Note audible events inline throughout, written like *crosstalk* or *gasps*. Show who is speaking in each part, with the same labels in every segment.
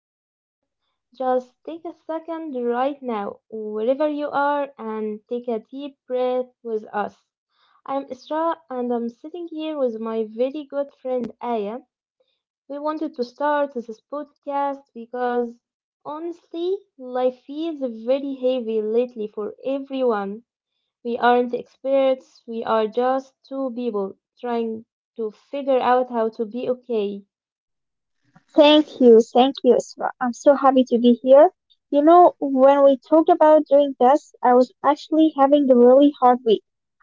Speaker 1: welcome. Just take a second right now, wherever you are, and take a deep breath with us. I'm Isra and I'm sitting here with my very good friend Aya. We wanted to start this podcast because honestly, life feels very heavy lately for everyone. We aren't experts, we are just two people trying to figure out how to be okay.
Speaker 2: Thank you, Isra. I'm so happy to be here. You know, when we talked about doing this, I was actually having a really hard week.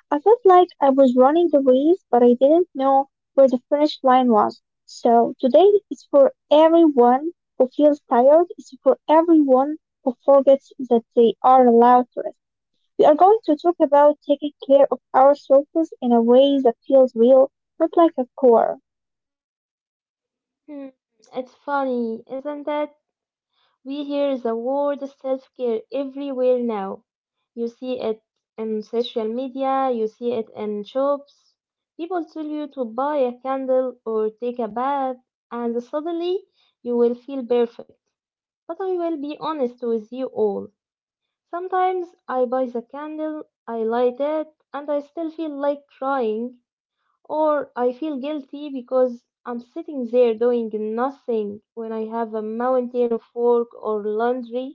Speaker 2: I felt like I was running the race, but I didn't know where the finish line was. So today is for everyone who feels tired. It's for everyone who forgets that they are allowed to rest. We are going to talk about taking care of ourselves in a way that feels real, not like a chore.
Speaker 1: Hmm. It's funny, isn't it? We hear the word self-care everywhere now. You see it in social media, you see it in shops. People tell you to buy a candle or take a bath, and suddenly you will feel perfect. But I will be honest with you all. Sometimes I buy the candle, I light it, and I still feel like crying. Or I feel guilty because I'm sitting there doing nothing when I have a mountain of work or laundry.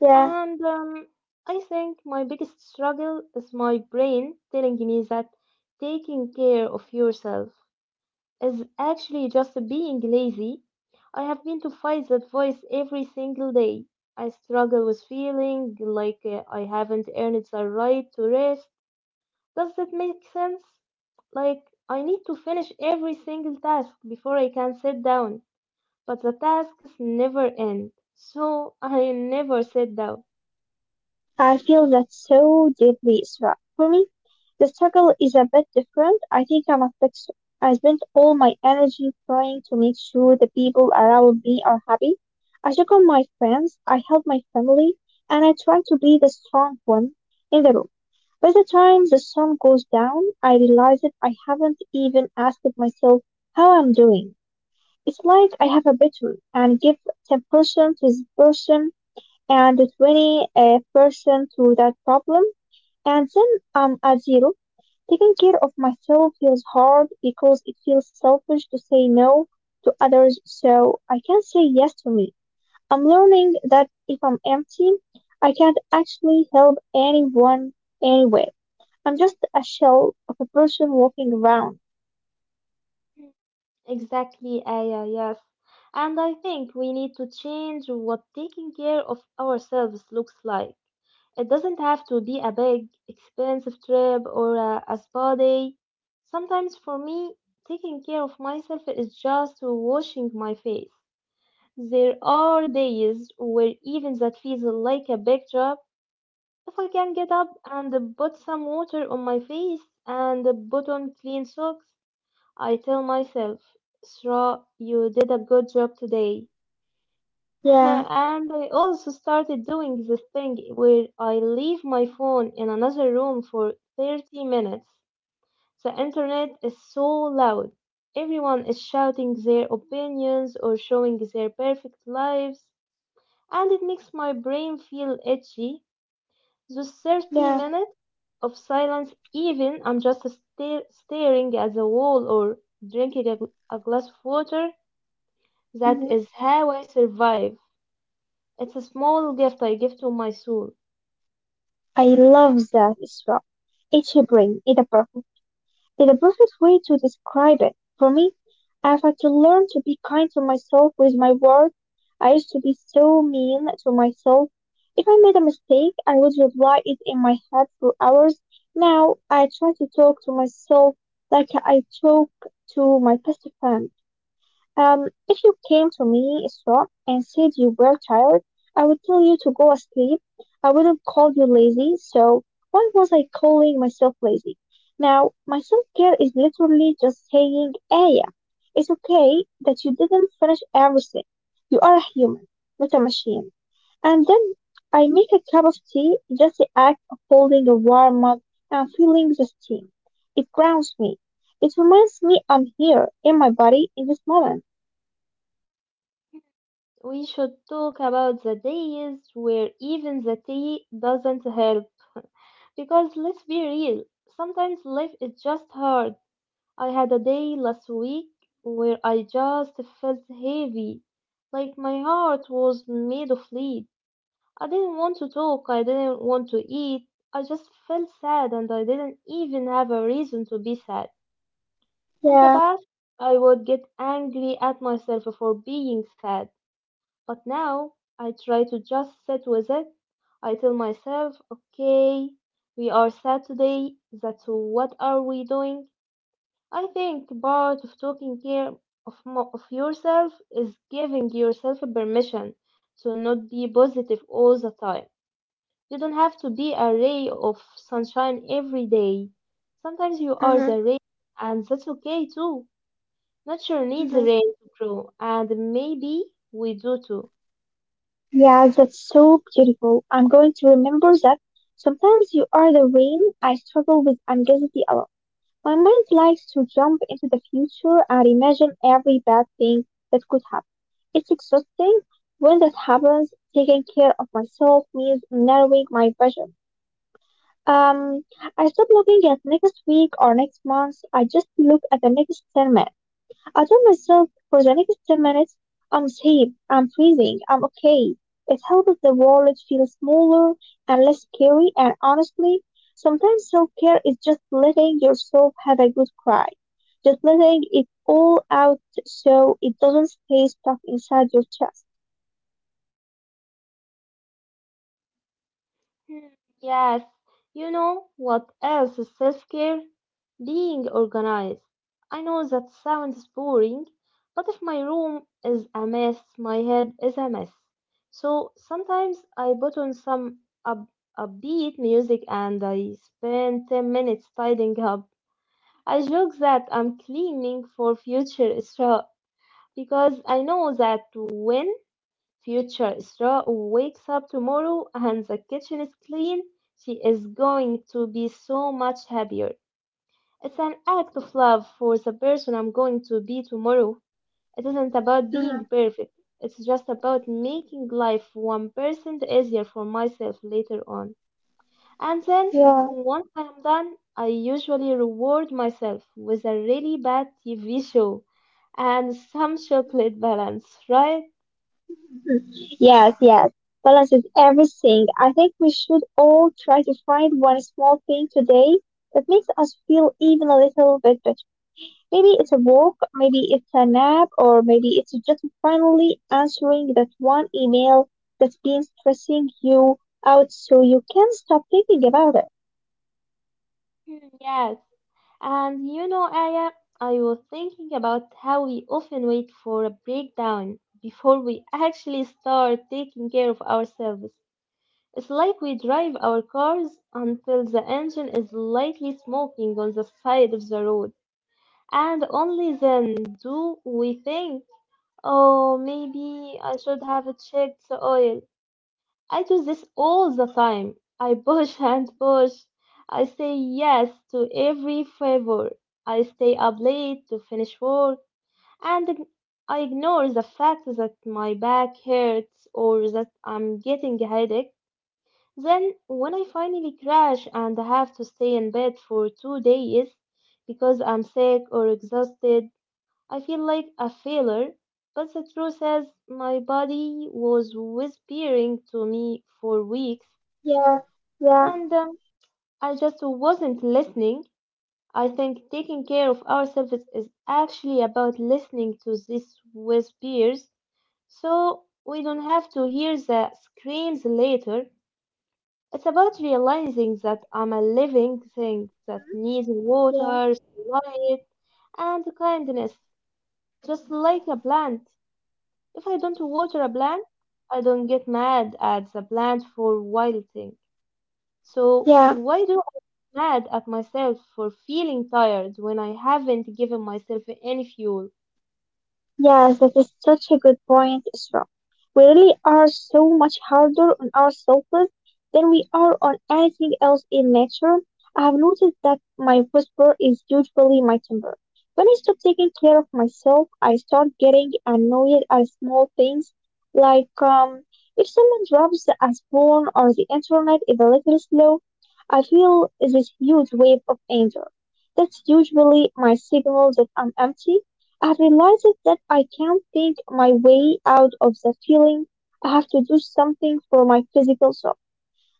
Speaker 2: Yeah,
Speaker 1: And I think my biggest struggle is my brain telling me that taking care of yourself is actually just being lazy. I have been to fight that voice every single day. I struggle with feeling like I haven't earned the right to rest, does that make sense? Like, I need to finish every single task before I can sit down, but the tasks never end, so *laughs* I never sit down.
Speaker 2: I feel that so deeply, Isra. For me, the struggle is a bit different. I think I'm a fixer. I spend all my energy trying to make sure the people around me are happy. I check on my friends, I help my family, and I try to be the strong one in the room. By the time the sun goes down, I realize that I haven't even asked myself how I'm doing. It's like I have a battery and give 10% to this person and 20 percent through that problem, and then I'm at zero. Taking care of myself feels hard because it feels selfish to say no to others, so I can say yes to me. I'm learning that if I'm empty, I can't actually help anyone anyway. I'm just a shell of a person walking around.
Speaker 1: Exactly, Aya, yes. And I think we need to change what taking care of ourselves looks like. It doesn't have to be a big, expensive trip or a spa day. Sometimes for me, taking care of myself is just washing my face. There are days where even that feels like a big job. If I can get up and put some water on my face and put on clean socks, I tell myself, Sra, you did a good job today. *laughs*
Speaker 2: Yeah,
Speaker 1: And I also started doing this thing where I leave my phone in another room for 30 minutes. The internet is so loud. Everyone is shouting their opinions or showing their perfect lives and it makes my brain feel itchy. Those 30
Speaker 2: yeah.
Speaker 1: minutes of silence, even I'm just staring at the wall or drinking a glass of water, that
Speaker 2: Mhm.
Speaker 1: is how I survive. It's a small gift I give to my soul.
Speaker 2: I love that, Isra. It's your brain, it's a is the perfect way to describe it. For me, I've had to learn to be kind to myself with my words. I used to be so mean to myself. If I made a mistake, I would reply it in my head for hours. Now I try to talk to myself like I talk to my best friend. If you came to me, Isra, and said you were tired, I would tell you to go asleep. I wouldn't call you lazy, so why was I calling myself lazy? Now, my self-care is literally just saying, Aya, it's okay that you didn't finish everything. You are a human, not a machine. And then I make a cup of tea, just the act of holding a warm mug and feeling the steam. It grounds me. It reminds me I'm here in my body in this moment.
Speaker 1: We should talk about the days where even the tea doesn't help. Because let's be real, sometimes life is just hard. I had a day last week where I just felt heavy, like my heart was made of lead. I didn't want to talk, I didn't want to eat, I just felt sad and I didn't even have a reason to be sad. In the
Speaker 2: Yeah.
Speaker 1: past, I would get angry at myself for being sad, but now I try to just sit with it. I tell myself, okay, we are sad today, that's what are we doing? I think part of taking care of yourself is giving yourself permission to not be positive all the time. You don't have to be a ray of sunshine every day. Sometimes you are
Speaker 2: Mm-hmm.
Speaker 1: the rain, and that's okay too. Nature needs
Speaker 2: Mm-hmm.
Speaker 1: rain to grow, and maybe we do too.
Speaker 2: Yeah, that's so beautiful. I'm going to remember that. Sometimes you are the rain. I struggle with anxiety a lot. My mind likes to jump into the future and imagine every bad thing that could happen. It's exhausting. When that happens, taking care of myself means narrowing my vision. Um, I stop looking at next week or next month. I just look at the next 10 minutes. I told myself for the next 10 minutes, I'm safe, I'm freezing, I'm okay. It helped the world feel smaller and less scary, and honestly, sometimes self care is just letting yourself have a good cry. Just letting it all out so it doesn't stay stuck inside your chest.
Speaker 1: Hmm. Yes, you know what else is so scary? Being organized. I know that sounds boring, but if my room is a mess, my head is a mess. So sometimes I put on some up- upbeat music and I spend 10 minutes tidying up. I joke that I'm cleaning for future *laughs* Isra because I know that when Future Isra wakes up tomorrow and the kitchen is clean. She is going to be so much happier. It's an act of love for the person I'm going to be tomorrow. It isn't about being
Speaker 2: Mhm.
Speaker 1: perfect. It's just about making life 1% easier for myself later on. And then,
Speaker 2: Yeah.
Speaker 1: once I'm done, I usually reward myself with a really bad TV show and some chocolate balance, right?
Speaker 2: Mm. Yes, yes. Balance is everything. I think we should all try to find one small thing today that makes us feel even a little bit better. Maybe it's a walk, maybe it's a nap, or maybe it's just finally answering that one email that's been stressing you out so you can stop thinking about it.
Speaker 1: Hmm. Yes. And you know, Aya, I was thinking about how we often wait for a breakdown before we actually start taking care of ourselves. It's like we drive our cars until the engine is lightly smoking on the side of the road, and only then do we think, oh, maybe I should have checked the oil. I do this all the time. I push and push. I say yes to every favor. I stay up late to finish work and I ignore the fact that my back hurts or that I'm getting a headache. Then, when I finally crash and have to stay in bed for 2 days because I'm sick or exhausted, I feel like a failure. But the truth is, my body was whispering to me for weeks
Speaker 2: Yeah, yeah,
Speaker 1: and I just wasn't listening. I think taking care of ourselves is actually about listening to these whispers, so we don't have to hear the screams later. It's about realizing that I'm a living thing that needs
Speaker 2: yeah,
Speaker 1: water, light, and kindness, just like a plant. If I don't water a plant, I don't get mad at the plant for wilting. So,
Speaker 2: yeah.
Speaker 1: why do I get mad at myself for feeling tired when I haven't given myself any fuel?
Speaker 2: Yes, that is such a good point, Isra. We really are so much harder on ourselves than we are on anything else in nature. I have noticed that my whisper is usually my temper. When I stop taking care of myself, I start getting annoyed at small things, like, if someone drops a spoon or the internet is a little slow, I feel this huge wave of anger. That's usually my signal that I'm empty. I have realized that I can't think my way out of the feeling. I have to do something for my physical self.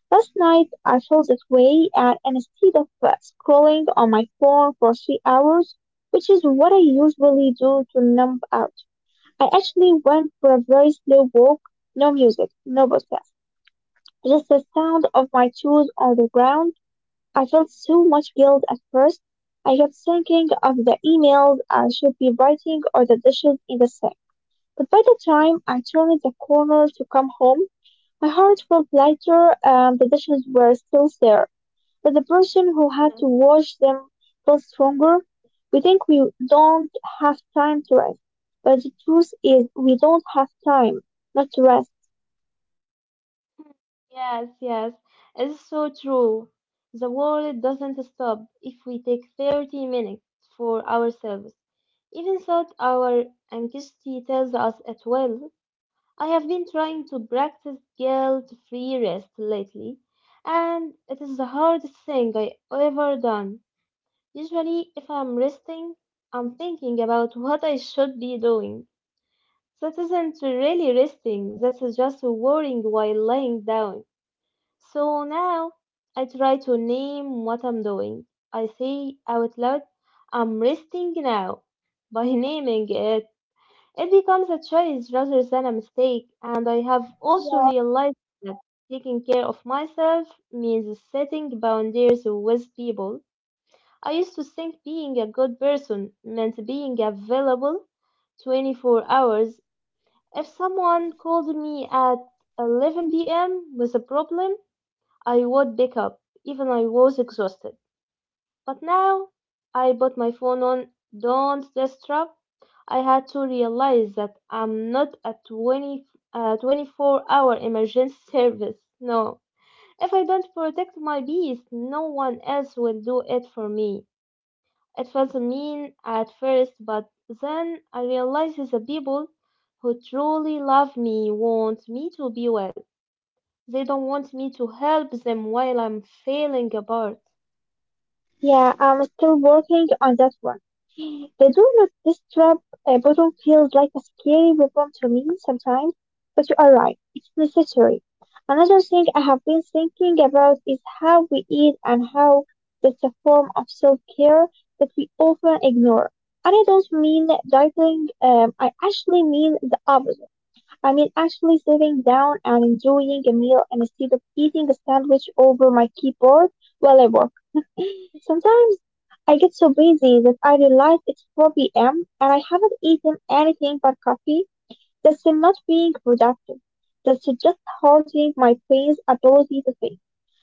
Speaker 2: Last night I felt that way, and instead of scrolling on my phone for 3 hours, which is what I usually do to numb out, I actually went for a very slow walk. No music, no podcast, just the sound of my shoes on the ground. I felt so much guilt at first. I kept thinking of the emails I should be writing or the dishes in the sink. But by the time I turned the corner to come home, my heart felt lighter and the dishes were still there. But the person who had
Speaker 1: Yeah.
Speaker 2: to wash them felt stronger. We think we don't have time to rest, but the truth is we don't have time not to rest.
Speaker 1: Yes, yes, it's so true. The world doesn't stop if we take 30 minutes for ourselves. Even though our anxiety tells us at well, I have been trying to practice guilt-free rest lately, and it is the hardest thing I ever done. Usually, if I'm resting, I'm thinking about what I should be doing. That isn't really resting, that's just worrying while lying down. So now I try to name what I'm doing. I say out loud, I'm resting now. By *laughs* naming it, it becomes a choice rather than a mistake, and I have also realized that taking care of myself means setting boundaries with people. I used to think being a good person meant being available 24 hours. If someone called me at 11 p.m. with a problem, I would pick up, even I was exhausted. But now I put my phone on don't disturb. I had to realize that I'm not a 24-hour emergency *laughs* service. No. If I don't protect my beast, no one else will do it for me. It felt mean at first, but then I realized that the people who truly love me want me to be well. They don't want me to help them while I'm failing apart.
Speaker 2: Yeah, I'm still working on that one. The do not disturb button feels like a scary weapon to me sometimes, but you are right, it's necessary. Another thing I have been thinking about is how we eat and how that's a form of self care that we often ignore. And I don't mean dieting, I actually mean the opposite. I mean actually sitting down and enjoying a meal instead of eating a sandwich over my keyboard while I work. *laughs* Sometimes I get so busy that I realize it's 4 p.m. and I haven't eaten anything but coffee. That's not being productive. That's just hurting my brain's ability to think.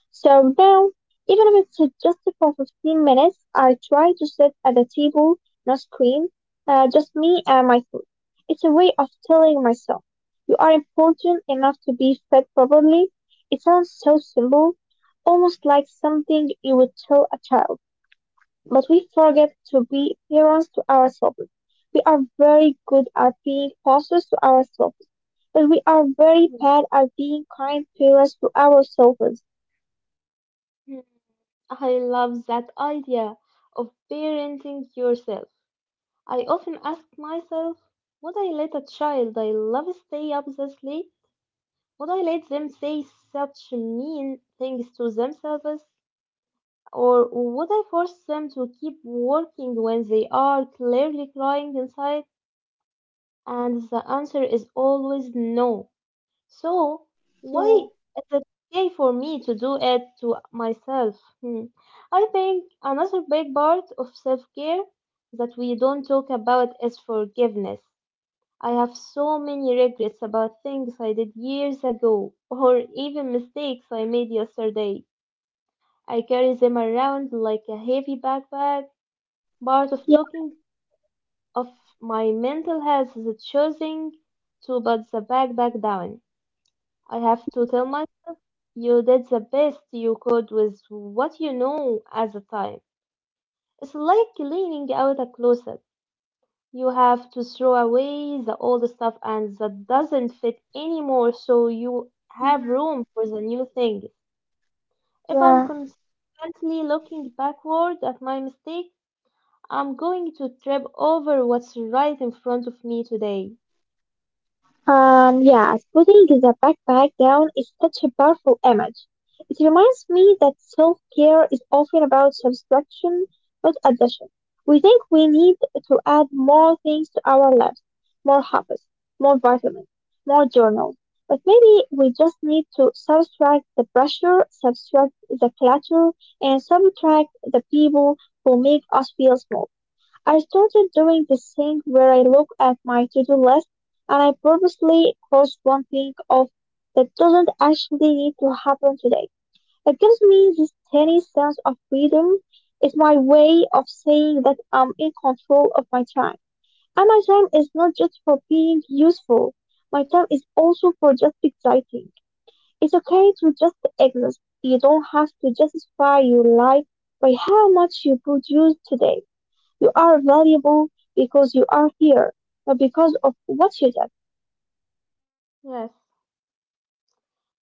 Speaker 2: So now, even if it's just for 15 minutes, I try to sit at a table, no screen, just me and my food. It's a way of telling myself, you are important enough to be fed properly. It sounds so simple, almost like something you would tell a child, but we forget to be parents to ourselves. We are very good at being bosses to ourselves, but we are very bad at being kind parents to ourselves.
Speaker 1: Mhm. I love that idea of parenting yourself. I often ask myself, would I let a child I love stay up this late? Would I let them say such mean things to themselves? Or would I force them to keep working when they are clearly crying inside? And the answer is always no. So,
Speaker 2: Yeah.
Speaker 1: why is it okay for me to do it to myself? Hmm. I think another big part of self care that we don't talk about is forgiveness. I have so many regrets about things I did years ago, or even mistakes I made yesterday. I carry them around like a heavy backpack. Part of
Speaker 2: Yeah.
Speaker 1: talking of my mental health is choosing to put the back down. I have to tell
Speaker 2: Mm,
Speaker 1: myself, you did the best you could with what you know at the time. It's like cleaning out a closet. You have to throw away the old stuff and that doesn't fit anymore so you have
Speaker 2: mhm,
Speaker 1: room for the new things. If I'm
Speaker 2: yeah.
Speaker 1: constantly looking backward at my mistake, I'm going to trip over what's right in front of me today.
Speaker 2: Yes, putting the backpack down is such a powerful image. It reminds me that self care is often about subtraction, not addition. We think we need to add more things to our lives, more hobbies, more vitamins, more journals. But maybe we just need to subtract the pressure, subtract the clutter, and subtract the people who make us feel small. I started doing this thing where I look at my to-do list and I purposely cross one thing off that doesn't actually need to happen today. It gives me this tiny sense of freedom. It's my way of saying that I'm in control of my time. And my time is not just for being useful. My time is also for just exciting. It's okay to just exist. You don't have to justify your life by how much you produce today. You are valuable because you are here, not because of what you did.
Speaker 1: Yes,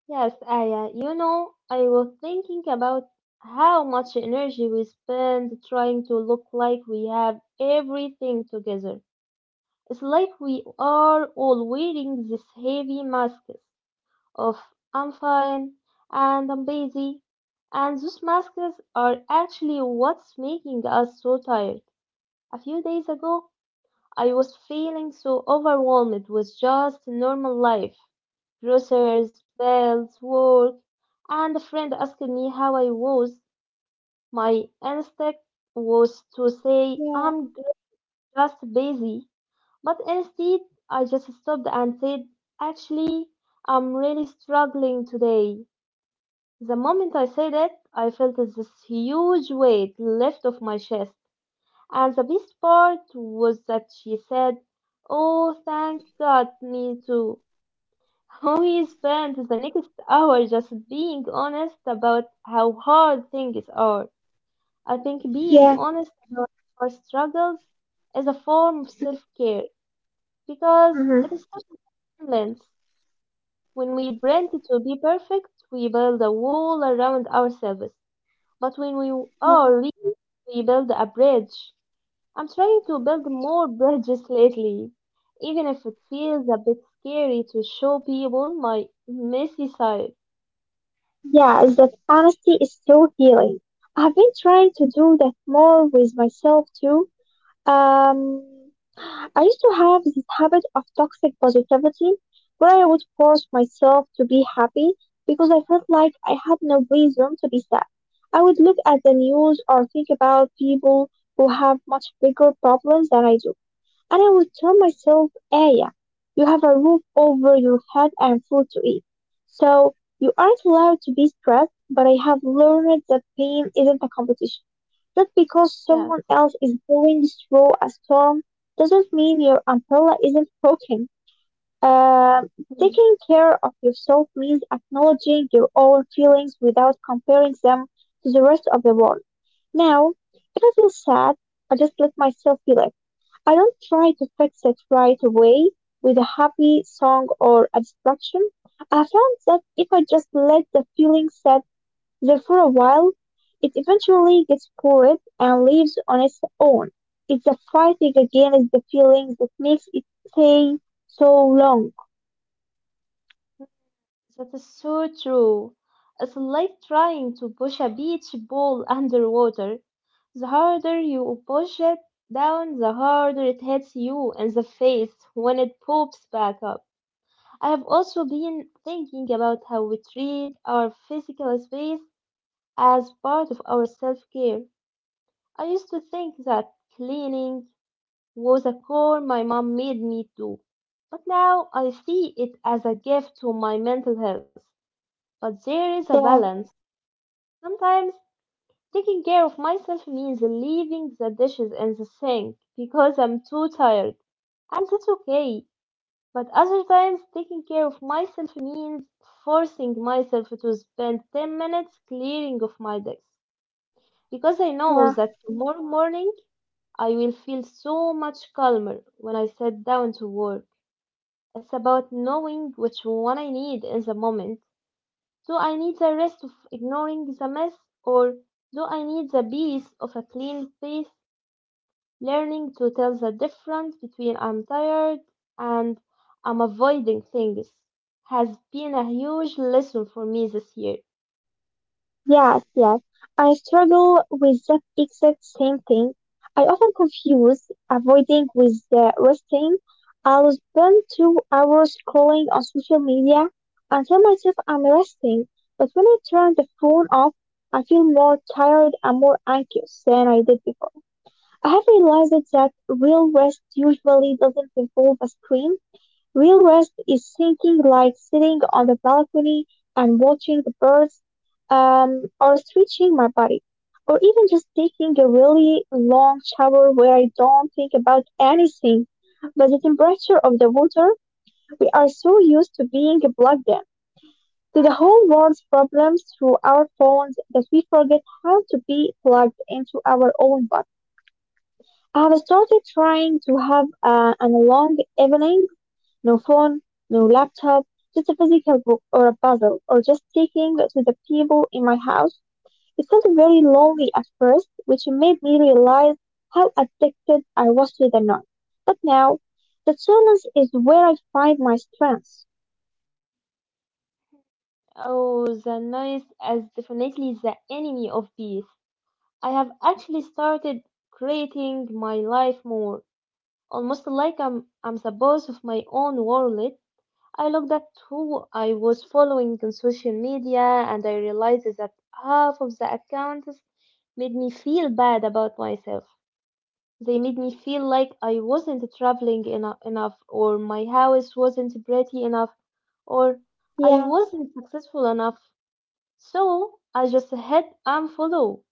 Speaker 1: yes, Aya. You know, I was thinking about how much energy we spend trying to look like we have everything together. It's like we are all wearing these heavy masks of I'm fine and I'm busy. And those masks are actually what's making us so tired. A few days ago, I was feeling so overwhelmed with just normal life. Groceries, bills, work, and a friend asked me how I was. My instinct was to say,
Speaker 2: Yeah.
Speaker 1: I'm just busy. But instead, I just stopped and said, actually, I'm really struggling today. The moment I said it, I felt this huge weight lift off my chest. And the best part was that she said, oh, thank God, me too. *laughs* We spent the next hour just being honest about how hard things are. I think being
Speaker 2: Yeah.
Speaker 1: honest about our struggles is a form of self care because
Speaker 2: Mm-hmm.
Speaker 1: it is such a balance. When we pretend to be perfect, we build a wall around ourselves. But when we are real, we build a bridge. I'm trying to build more bridges lately, even if it feels a bit scary to show people my messy side.
Speaker 2: Yeah, is that honesty is so healing. I've been trying to do that more with myself too. Um, I used to have this habit of toxic positivity where I would force myself to be happy because I felt like I had no reason to be sad. I would look at the news or think about people who have much bigger problems than I do. And I would tell myself, Aya, you have a roof over your head and food to eat. So you aren't allowed to be stressed, but I have learned that pain isn't a competition. Just because
Speaker 1: Yeah.
Speaker 2: someone else is going through a storm doesn't mean your umbrella isn't broken. Um,
Speaker 1: Mhm.
Speaker 2: taking care of yourself means acknowledging your own feelings without comparing them to the rest of the world. Now, if I feel sad, I just let myself feel it. I don't try to fix it right away with a happy song or abstraction. I found that if I just let the feeling sit there for a while, it eventually gets bored and leaves on its own. It's the fighting against the feelings that makes it stay so long.
Speaker 1: That is so true. It's like trying to push a beach ball *laughs* underwater. The harder you push it down, the harder it hits you in the face when it pops back up. I have also been thinking about how we treat our physical space as part of our self care. I used to think that cleaning was a chore my mom made me do, but now I see it as a gift to my mental health. But there is a
Speaker 2: Yeah,
Speaker 1: balance. Sometimes taking care of myself means leaving the dishes in the sink because I'm too tired, and that's okay. But other times, taking care of myself means forcing myself to spend 10 minutes clearing of my desk
Speaker 2: yeah.
Speaker 1: because I know that tomorrow morning I will feel so much calmer when I sit down to work. It's about knowing which one I need in the moment. Do I need the rest of ignoring the mess, or do I need the peace of a clean space? Learning to tell the difference between I'm tired and I'm avoiding things has been a huge lesson for me this year.
Speaker 2: Yes, yes. I struggle with that exact same thing. I often confuse avoiding with resting. I'll spend 2 hours scrolling on social media and tell myself I'm resting, but when I turn the phone off, I feel more tired and more anxious than I did before. I have realized that real rest usually doesn't involve a screen. Real rest is thinking like sitting on the balcony and watching the birds, or stretching my body, or even just taking a really long shower where I don't think about anything but the temperature of the water. We are so used to being plugged in to the whole world's problems through our phones that we forget how to be plugged into our own body. I have started trying to have an long evening, no phone, no laptop, just a physical book or a puzzle, or just speaking to the people in my house. It felt very lonely at first, which made me realize how addicted I was to the noise. But now, the silence is where I find my strength.
Speaker 1: Oh, the noise is definitely the enemy of peace. I have actually started creating my life more, almost like I'm the boss of my own world. I looked at who I was following on social media and I realized that half of the accounts made me feel bad about myself. They made me feel like I wasn't traveling enough, or my house wasn't pretty enough, or I
Speaker 2: Yeah.
Speaker 1: wasn't successful enough. So I just hit unfollow.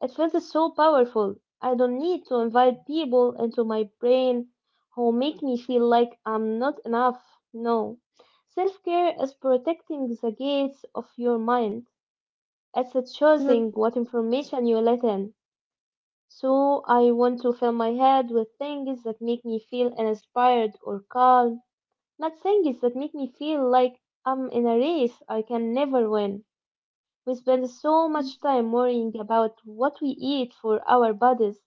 Speaker 1: It feels so powerful. I don't need to invite people into my brain who make me feel like I'm not enough. No. Self care is protecting the gates of your mind. It's choosing
Speaker 2: Mhm.
Speaker 1: what information you let in. So I want to fill my head with things that make me feel inspired or calm, not things that make me feel like I'm in a race I can never win. We spend so much time worrying about what we eat for our bodies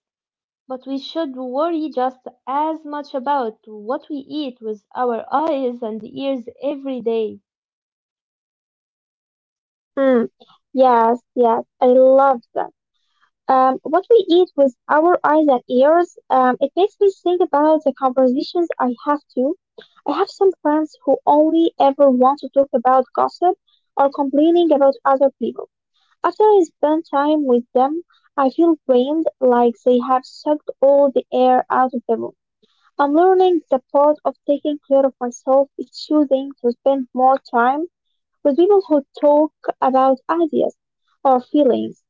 Speaker 1: but we should worry just as much about what we eat with our eyes and ears every day.
Speaker 2: Mm. Yes, yes, I love that. What we eat with our eyes and ears, it makes me think about the conversations I have too. I have some friends who only ever want to talk about gossip or complaining about other people. After I spend time with them, I feel drained, like they have sucked all the air out of the room. I'm learning the part of taking care of myself is choosing to spend more time with people who talk about ideas or feelings,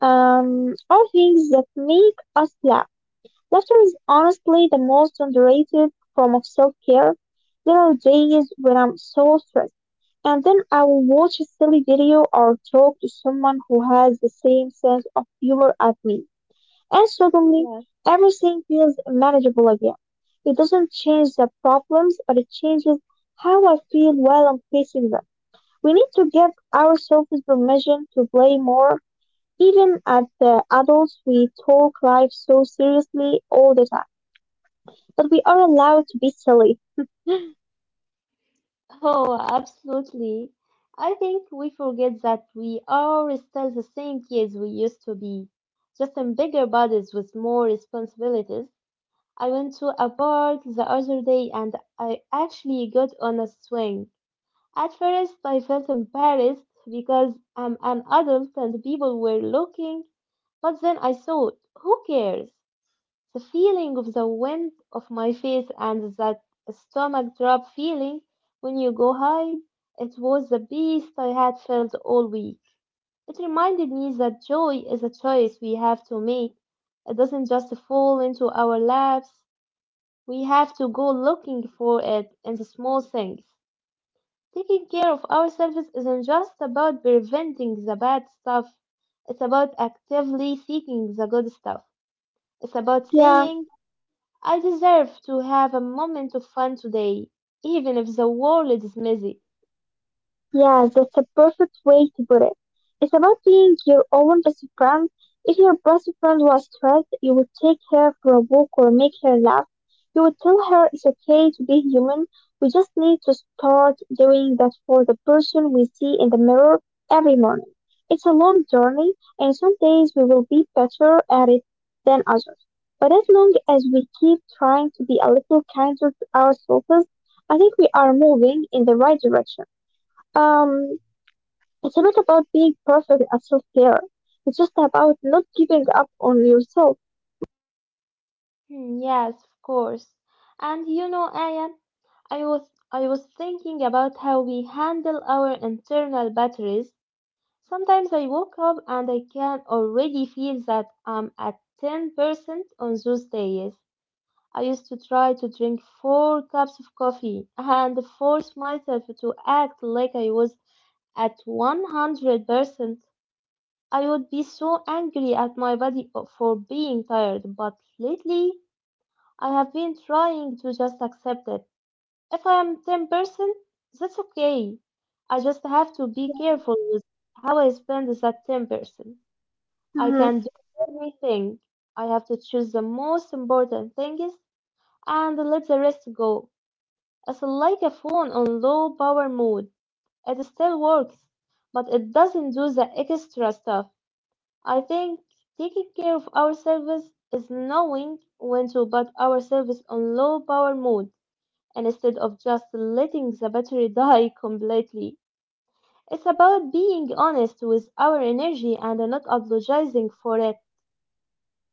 Speaker 2: or things that make us laugh. Laughter is honestly the most underrated form of self-care. There are days when I'm so stressed, and then I will watch a silly video or talk to someone who has the same sense of humor as me, and suddenly
Speaker 1: Yes.
Speaker 2: everything feels manageable again. It doesn't change the problems, but it changes how I feel while I'm facing them. We need to give ourselves permission to play more, even at the adults we talk life so seriously all the time. But we are allowed to be silly.
Speaker 1: Oh, absolutely. I think we forget that we are still the same kids we used to be, just in bigger bodies with more responsibilities. I went to a park the other day and I actually got on a swing. At first, I felt embarrassed because I'm an adult and people were looking, but then I thought, who cares? The feeling of the wind off my face and that stomach drop feeling when you go high, it was the best I had felt all week. It reminded me that joy is a choice we have to make. It doesn't just fall into our laps. We have to go looking for it in the small things. Taking care of ourselves isn't just about preventing the bad stuff. It's about actively seeking the good stuff. It's about
Speaker 2: Yeah.
Speaker 1: saying, I deserve to have a moment of fun today, even if the world is messy.
Speaker 2: Yeah, that's a perfect way to put it. It's about being your own best friend. If your best friend was stressed, you would take her for a walk or make her laugh. You would tell her it's okay to be human. We just need to start doing that for the person we see in the mirror every morning. It's a long journey, and some days we will be better at it than others. But as long as we keep trying to be a little kinder to ourselves, I think we are moving in the right direction. Um, it's not about being perfect at self care. It's just about not giving up on yourself.
Speaker 1: Hmm, yes, of course. And you know, Aya, I was thinking about how we handle our internal batteries. Sometimes I woke up and I can already feel that I'm at 10% on those days. I used to try to drink four cups of coffee and force myself to act like I was at 100%. I would be so angry at my body for being tired, but lately I have been trying to just accept it. If I am 10%, that's okay. I just have to be careful with how I spend that 10%. I
Speaker 2: Hmm.
Speaker 1: can do everything. I have to choose the most important things and let the rest go. It's like a phone on low power mode. It still works, but it doesn't do the extra stuff. I think taking care of ourselves is knowing when to put ourselves on low power mode and instead of just letting the battery *laughs* die completely. It's about being honest with our energy and not apologizing for it.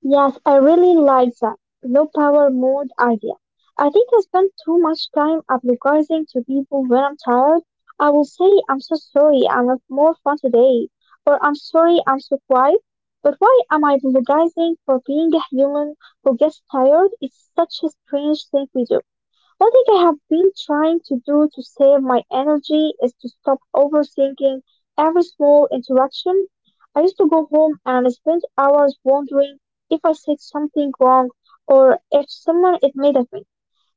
Speaker 2: Yes, I really like that low power mode idea. I think I spend too much time apologizing to people when I'm tired. I will say, I'm so sorry, I'm have more fun today, or I'm sorry, I'm so quiet. But why am I apologizing for being a human who gets tired? It's such a strange thing we do. Something I have been trying to do to save my energy is to stop overthinking every small interaction. I used to go home and spend hours wondering if I said something wrong or if someone is mad at me.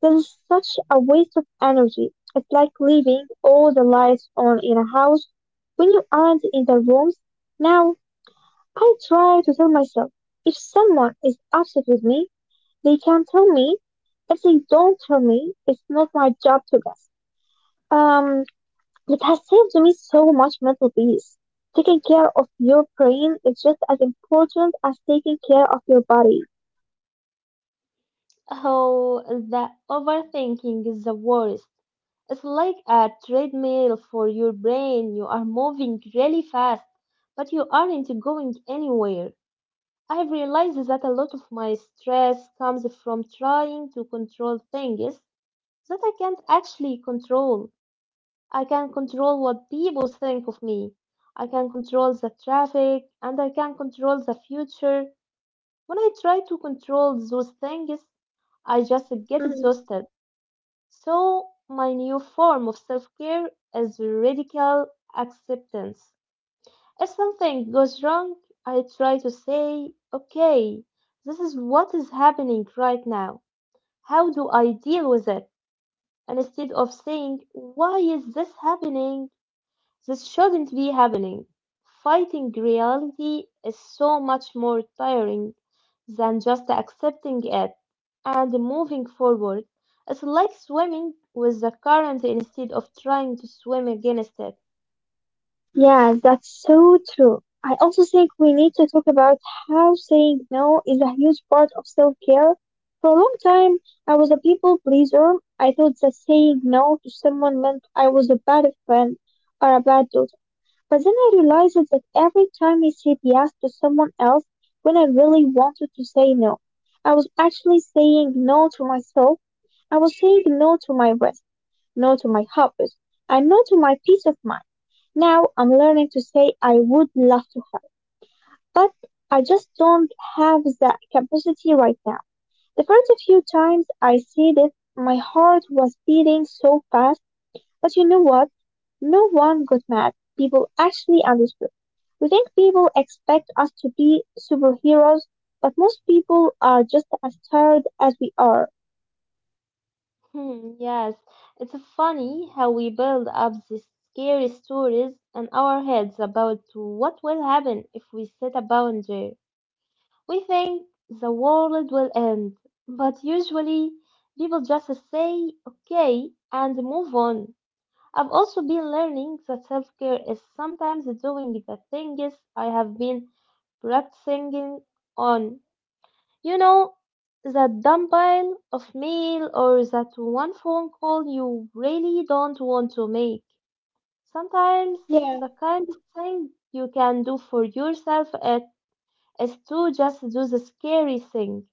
Speaker 2: That is such a waste of energy. It's like leaving all the lights on in a house when you aren't in the rooms. Now, I try to tell myself, if someone is upset with me, they can tell me. If they don't tell me, it's not my job to guess. Um, it has saved me so much mental peace. Taking care of your brain is just as important as taking care of your body.
Speaker 1: Oh, the overthinking is the worst. It's like a treadmill for your brain. You are moving really fast, but you aren't going anywhere. I've realized that a lot of my stress comes from trying to control things that I can't actually control. I can control what people think of me. I can control the traffic and I can control the future. When I try to control those things, I just get
Speaker 2: Mm.
Speaker 1: exhausted. So, my new form of self care is radical acceptance. If something goes wrong, I try to say, okay, this is what is happening right now. How do I deal with it? And instead of saying, why is this happening? This shouldn't be happening. Fighting reality is so much more tiring than just accepting it and moving forward. It's like swimming with the current instead of trying to swim against it.
Speaker 2: Yeah, that's so true. I also think we need to talk about how saying no is a huge part of self care. For a long time, I was a people pleaser. I thought that saying no to someone meant I was a bad friend or a bad daughter. But then I realized that every time I said yes to someone else when I really wanted to say no, I was actually saying no to myself. I was saying no to my rest, no to my hobbies, and no to my peace of mind. Now I'm learning to say, I would love to help, but I just don't have that capacity right now. The first few times I said it, my heart was beating so fast, but you know what? No one got mad. People actually understood. We think people expect us to be superheroes, but most people are just as tired as we are.
Speaker 1: Hmm, yes, it's funny how we build up these scary stories in our heads about what will happen if we set a boundary. We think the world will end, but usually people just say okay and move on. I've also been learning that self care is sometimes doing the things I have been practicing on you know, that dumbbell of mail or that one phone call you really don't want to make. Sometimes
Speaker 2: Yeah.
Speaker 1: the kind of thing you can do for yourself it is to just do the scary thing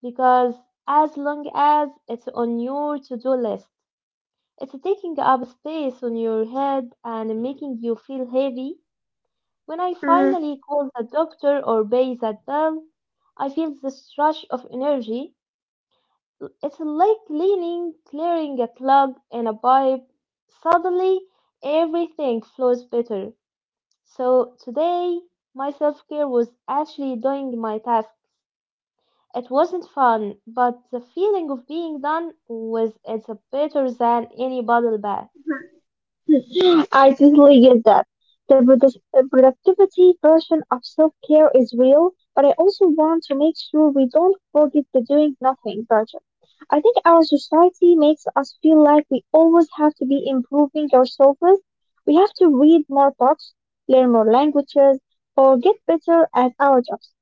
Speaker 1: because as long as it's on your to-do list, it's taking up space on your head and making you feel heavy. When I
Speaker 2: Mhm.
Speaker 1: finally call the doctor or pay that bill, I feel this rush of energy. It's like cleaning, clearing a plug in a pipe. Suddenly, everything flows better. So today, my self-care was actually doing my tasks. It wasn't fun, but the feeling of being done with it's better than any bottle bath.
Speaker 2: I totally get that. The productivity version of self care is real, but I also want to make sure we don't forget the doing nothing version. I think our society makes us feel like we always have to be improving ourselves. We have to read more books, learn more languages, or get better at our jobs.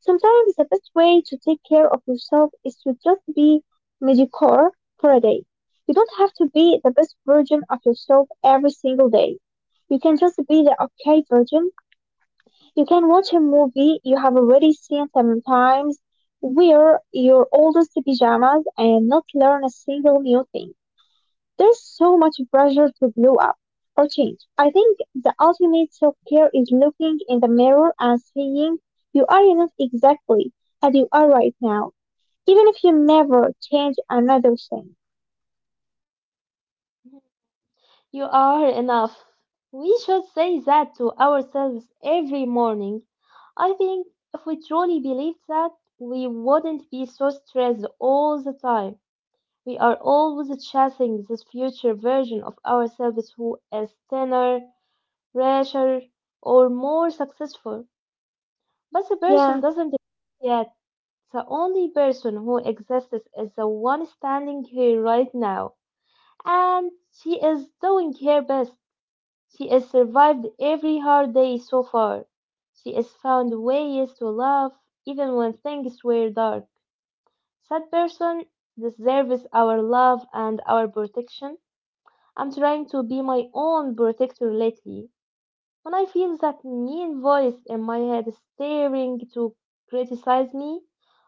Speaker 2: Sometimes the best way to take care of yourself is to just be mediocre for a day. You don't have to be the best version of yourself every single day. You can just be the okay version. You can watch a movie you have already seen seven times, wear your oldest pajamas, and not learn a single new thing. There's so much pressure to blow up or change. I think the ultimate self care is looking in the mirror and saying, you are enough exactly as you are right now, even if you never change another thing.
Speaker 1: You are enough. We should say that to ourselves every morning. I think if we truly believed that, we wouldn't be so stressed all the time. We are always chasing this future version of ourselves who is thinner, richer, or more successful. But the
Speaker 2: Yeah,
Speaker 1: person doesn't exist yet. The only person who exists is the one standing here right now. And she is doing her best. She has survived every hard day so far. She has found ways to laugh even when things were dark. That person deserves our love and our protection. I'm trying to be my own protector lately. When I feel that mean voice in my head staring to criticize me,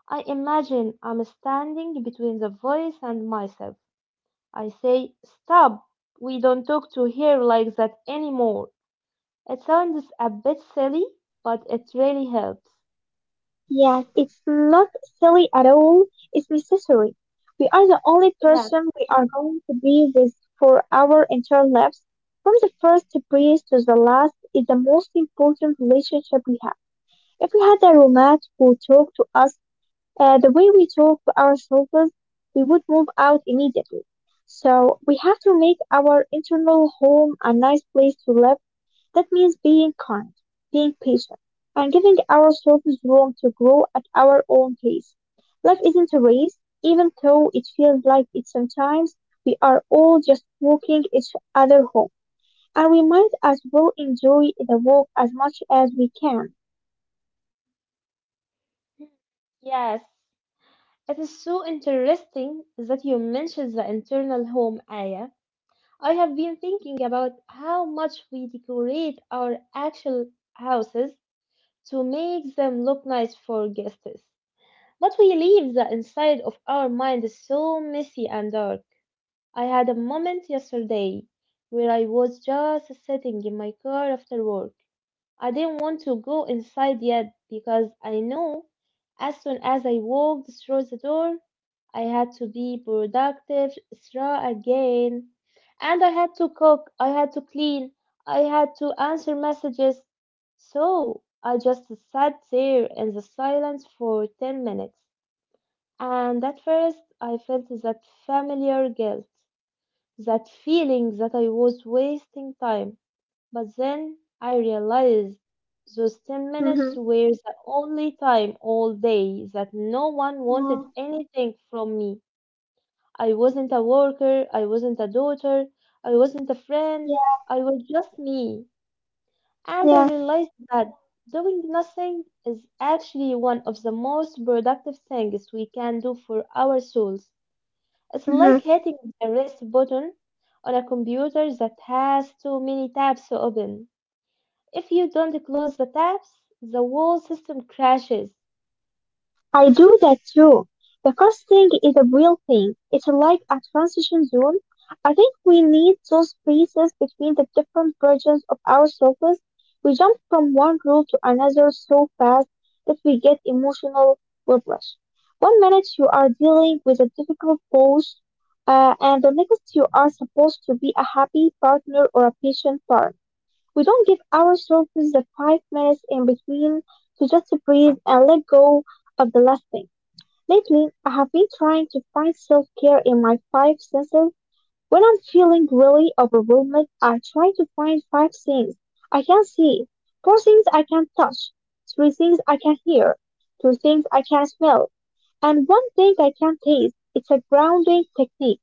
Speaker 1: I imagine I'm standing between the voice and myself. I say, stop, we don't talk to her like that anymore. It sounds a bit silly, but it really helps.
Speaker 2: yeah, it's not silly at all, it's necessary. We are the only
Speaker 1: Yes,
Speaker 2: person we are going to be with for our entire lives. From the first breath to the last is the most important relationship we have. If we had a roommate who talked to us the way we talk to ourselves, we would move out immediately. So we have to make our internal home a nice place to live. That means being kind, being patient, and giving ourselves room to grow at our own pace. Life isn't a race, even though it feels like it sometimes. We are all just walking each other home, and we might as well enjoy the walk as much as we can.
Speaker 1: yes. It is so interesting that you mentioned the internal home, Aya. I have been thinking about how much we decorate our actual houses to make them look nice for guests. But we leave the inside of our mind so messy and dark. I had a moment yesterday where I was just sitting in my car after work. I didn't want to go inside yet because I knew as soon as I walked through the door, I had to be productive Sarah again. And I had to cook, I had to clean, I had to answer messages. So I just sat there in the silence for 10 minutes. And at first, I felt that familiar guilt, that feeling that I was wasting time. But then I realized those 10 minutes
Speaker 2: Mm-hmm.
Speaker 1: were the only time all day that no one
Speaker 2: Yeah.
Speaker 1: wanted anything from me. I wasn't a worker, I wasn't a daughter, I wasn't a friend,
Speaker 2: Yeah.
Speaker 1: I was just me. And I
Speaker 2: Yeah.
Speaker 1: realized that doing nothing is actually one of the most productive things we can do for our souls. It's
Speaker 2: Mm-hmm.
Speaker 1: like hitting the rest button on a computer that has too many tabs to open. If you don't close the tabs, the whole system crashes.
Speaker 2: I do that too. The first thing is a real thing. It's like a transition zone. I think we need those spaces between the different versions of ourselves. We jump from one role to another so fast that we get emotional whiplash. One minute you are dealing with a difficult boss, and the next you are supposed to be a happy partner or a patient parent. We don't give ourselves the 5 minutes in between to just breathe and let go of the last thing. Lately, I have been trying to find self care in my five senses. When I'm feeling really overwhelmed, I try to find five things I can see, four things I can touch, three things I can hear, two things I can smell, and one thing I can taste. It's a grounding technique,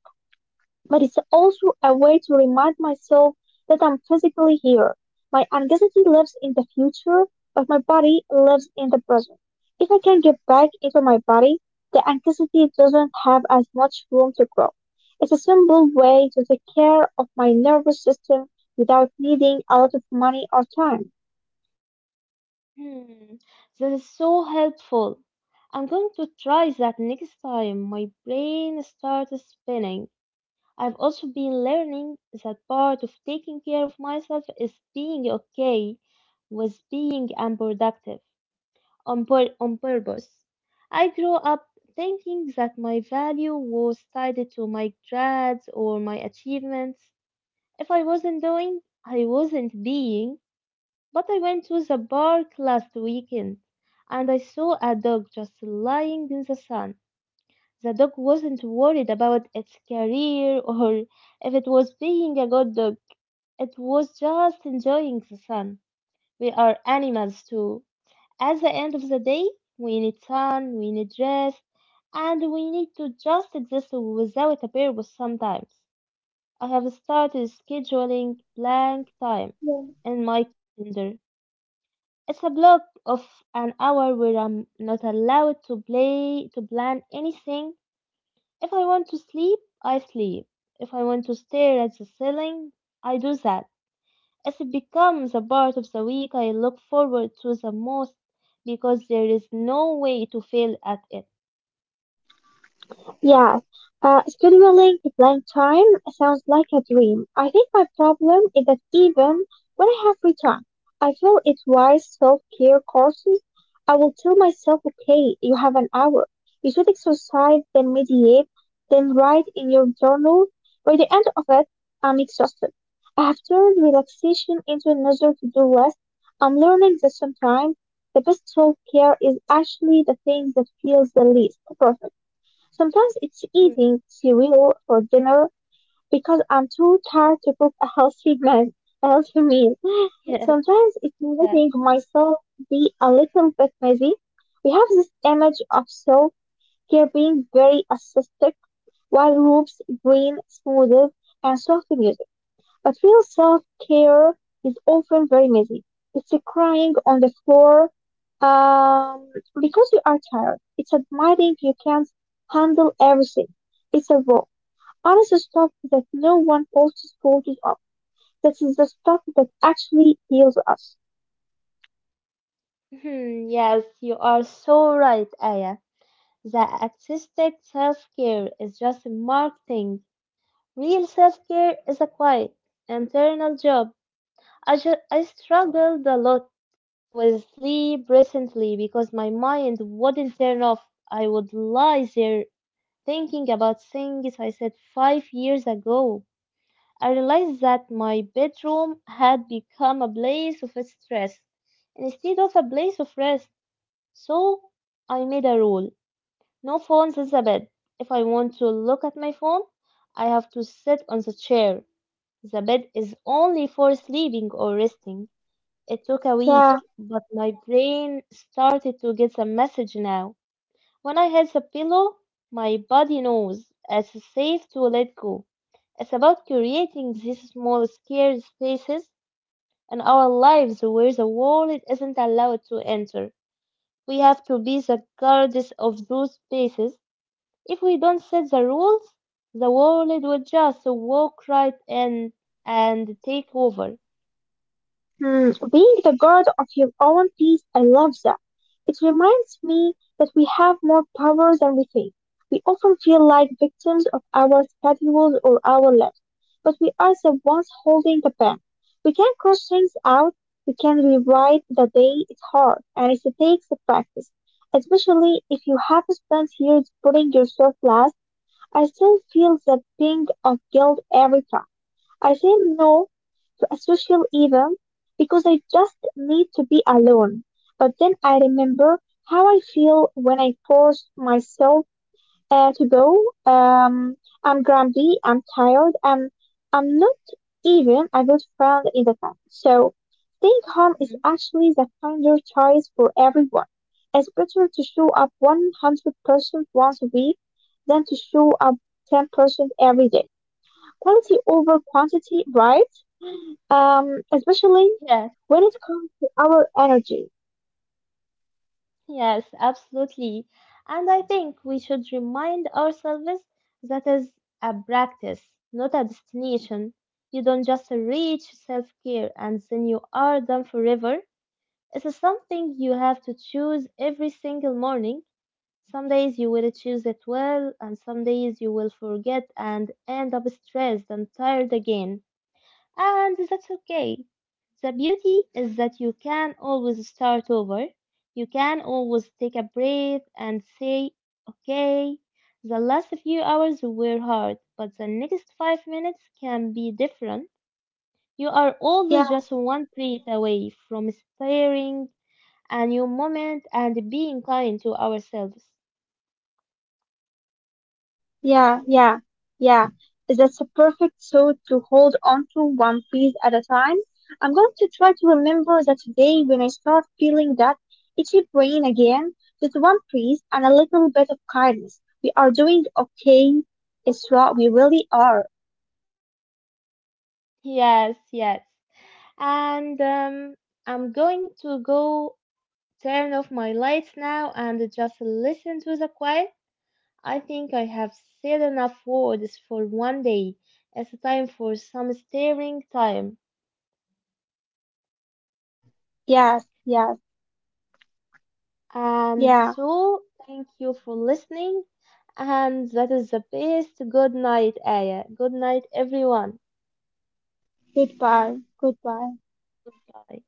Speaker 2: but it's also a way to remind myself that I'm physically here. My anxiety lives in the future, but my body lives in the present. If I can get back into my body, the anxiety doesn't have as much room to grow. It's a simple way to take care of my nervous system without needing a lot of money or time.
Speaker 1: Hmm, that is so helpful. I'm going to try that next time my brain starts spinning. I've also been learning that part of taking care of myself is being okay with being unproductive on purpose. I grew up thinking that my value was tied to my grades or my achievements. If I wasn't doing, I wasn't being. But I went to the park last weekend and I saw a dog just lying in the sun. The dog wasn't worried about its career *laughs* or if it was being a good dog. It was just enjoying the sun. We are animals too. At the end of the day, we need sun, we need rest, and we need to just exist without a purpose sometimes. I have started scheduling blank time in my calendar. It's a block of an hour where I'm not allowed to play to plan anything. If I want to sleep, I sleep. If I want to stare at the ceiling, I do that. As it becomes a part of the week, I look forward to the most because there is no way to fail at it.
Speaker 2: Yeah, scheduling blank time sounds like a dream. I think my problem is that even when I have free time, I feel it's wise self-care courses. I will tell myself, okay, you have an hour. You should exercise, then meditate, then write in your journal. By the end of it, I'm exhausted. I have turned relaxation into another to-do list. I'm learning that sometimes the best self-care is actually the thing that feels the least perfect. Sometimes it's
Speaker 1: Hmm.
Speaker 2: eating cereal for dinner because I'm too tired to cook a healthy meal. A healthy meal. *gasps*
Speaker 1: Yes,
Speaker 2: Sometimes it's
Speaker 1: yes.
Speaker 2: letting myself be a little bit messy. We have this image of self care being very ascetic, while groups, green smoothies, and soft music. But real self-care is often very messy. It's a crying on the floor, um, because you are tired. It's admitting you can't handle everything. It's a raw, honest stuff that no one posts photos of. That is the stuff that actually heals us.
Speaker 1: *laughs* Hmm, yes, you are so right, Aya. The artistic self care is just marketing. Real self care is a quiet, internal job. I struggled a lot with sleep recently because my mind wouldn't turn off. I would lie there thinking about things I said 5 years ago. I realized that my bedroom had become a place of stress instead of a place of rest. So I made a rule. No phones, Elizabeth. If I want to look at my phone, I have to sit on the chair. The bed is only for sleeping or resting. It took a week,
Speaker 2: Yeah.
Speaker 1: but my brain started to get the message now. When I hit the pillow, my body knows it's safe to let go. It's about creating these small, scared spaces in our lives where the world isn't allowed to enter. We have to be the guardians of those spaces. If we don't set the rules, the world will just walk right in and take over.
Speaker 2: Hmm, being the guard of your own peace, I love that. It reminds me that we have more power than we think. We often feel like victims of our schedules or our lives, but we are the ones holding the pen. We can cross things out, we can rewrite the day. It's hard, and it takes the practice. Especially if you have spent years putting yourself last, I still feel that ping of guilt every time I say no to a social event because I just need to be alone. But then I remember how I feel when I force myself to go. I'm grumpy, I'm tired, and I'm not even a good friend in the time. So staying home is
Speaker 1: Mhm.
Speaker 2: actually the kinder choice for everyone. It's better to show up 100% once a week than to show up 10% every day. Quality over quantity, right? Especially
Speaker 1: Yes,
Speaker 2: when it comes to our energy.
Speaker 1: yes, absolutely. And I think we should remind ourselves that is a practice, not a destination. You don't just reach self-care and then you are done forever. It's something you have to choose every single morning. Some days you will choose it well, and some days you will forget and end up stressed and tired again. And that's okay. The beauty is that you can always start over. You can always take a breath and say, okay, the last few hours were hard, but the next 5 minutes can be different. You are
Speaker 2: Yeah,
Speaker 1: always just one breath away from staring a new moment and being kind to ourselves.
Speaker 2: yeah, yeah, yeah. That's a perfect thought to hold on to one piece at a time. I'm going to try to remember that today when I start feeling that itchy brain again, just one piece and a little bit of kindness. We are doing okay. It's what we really are.
Speaker 1: Yes, yes. And I'm going to go turn off my lights now and just listen to the quiet. I think I have said enough words for one day. It's time for some staring time.
Speaker 2: Yes, yes,
Speaker 1: And
Speaker 2: yeah.
Speaker 1: so, thank you for listening. And that is the best. Good night, Aya. Good night, everyone.
Speaker 2: Goodbye, goodbye.
Speaker 1: Goodbye.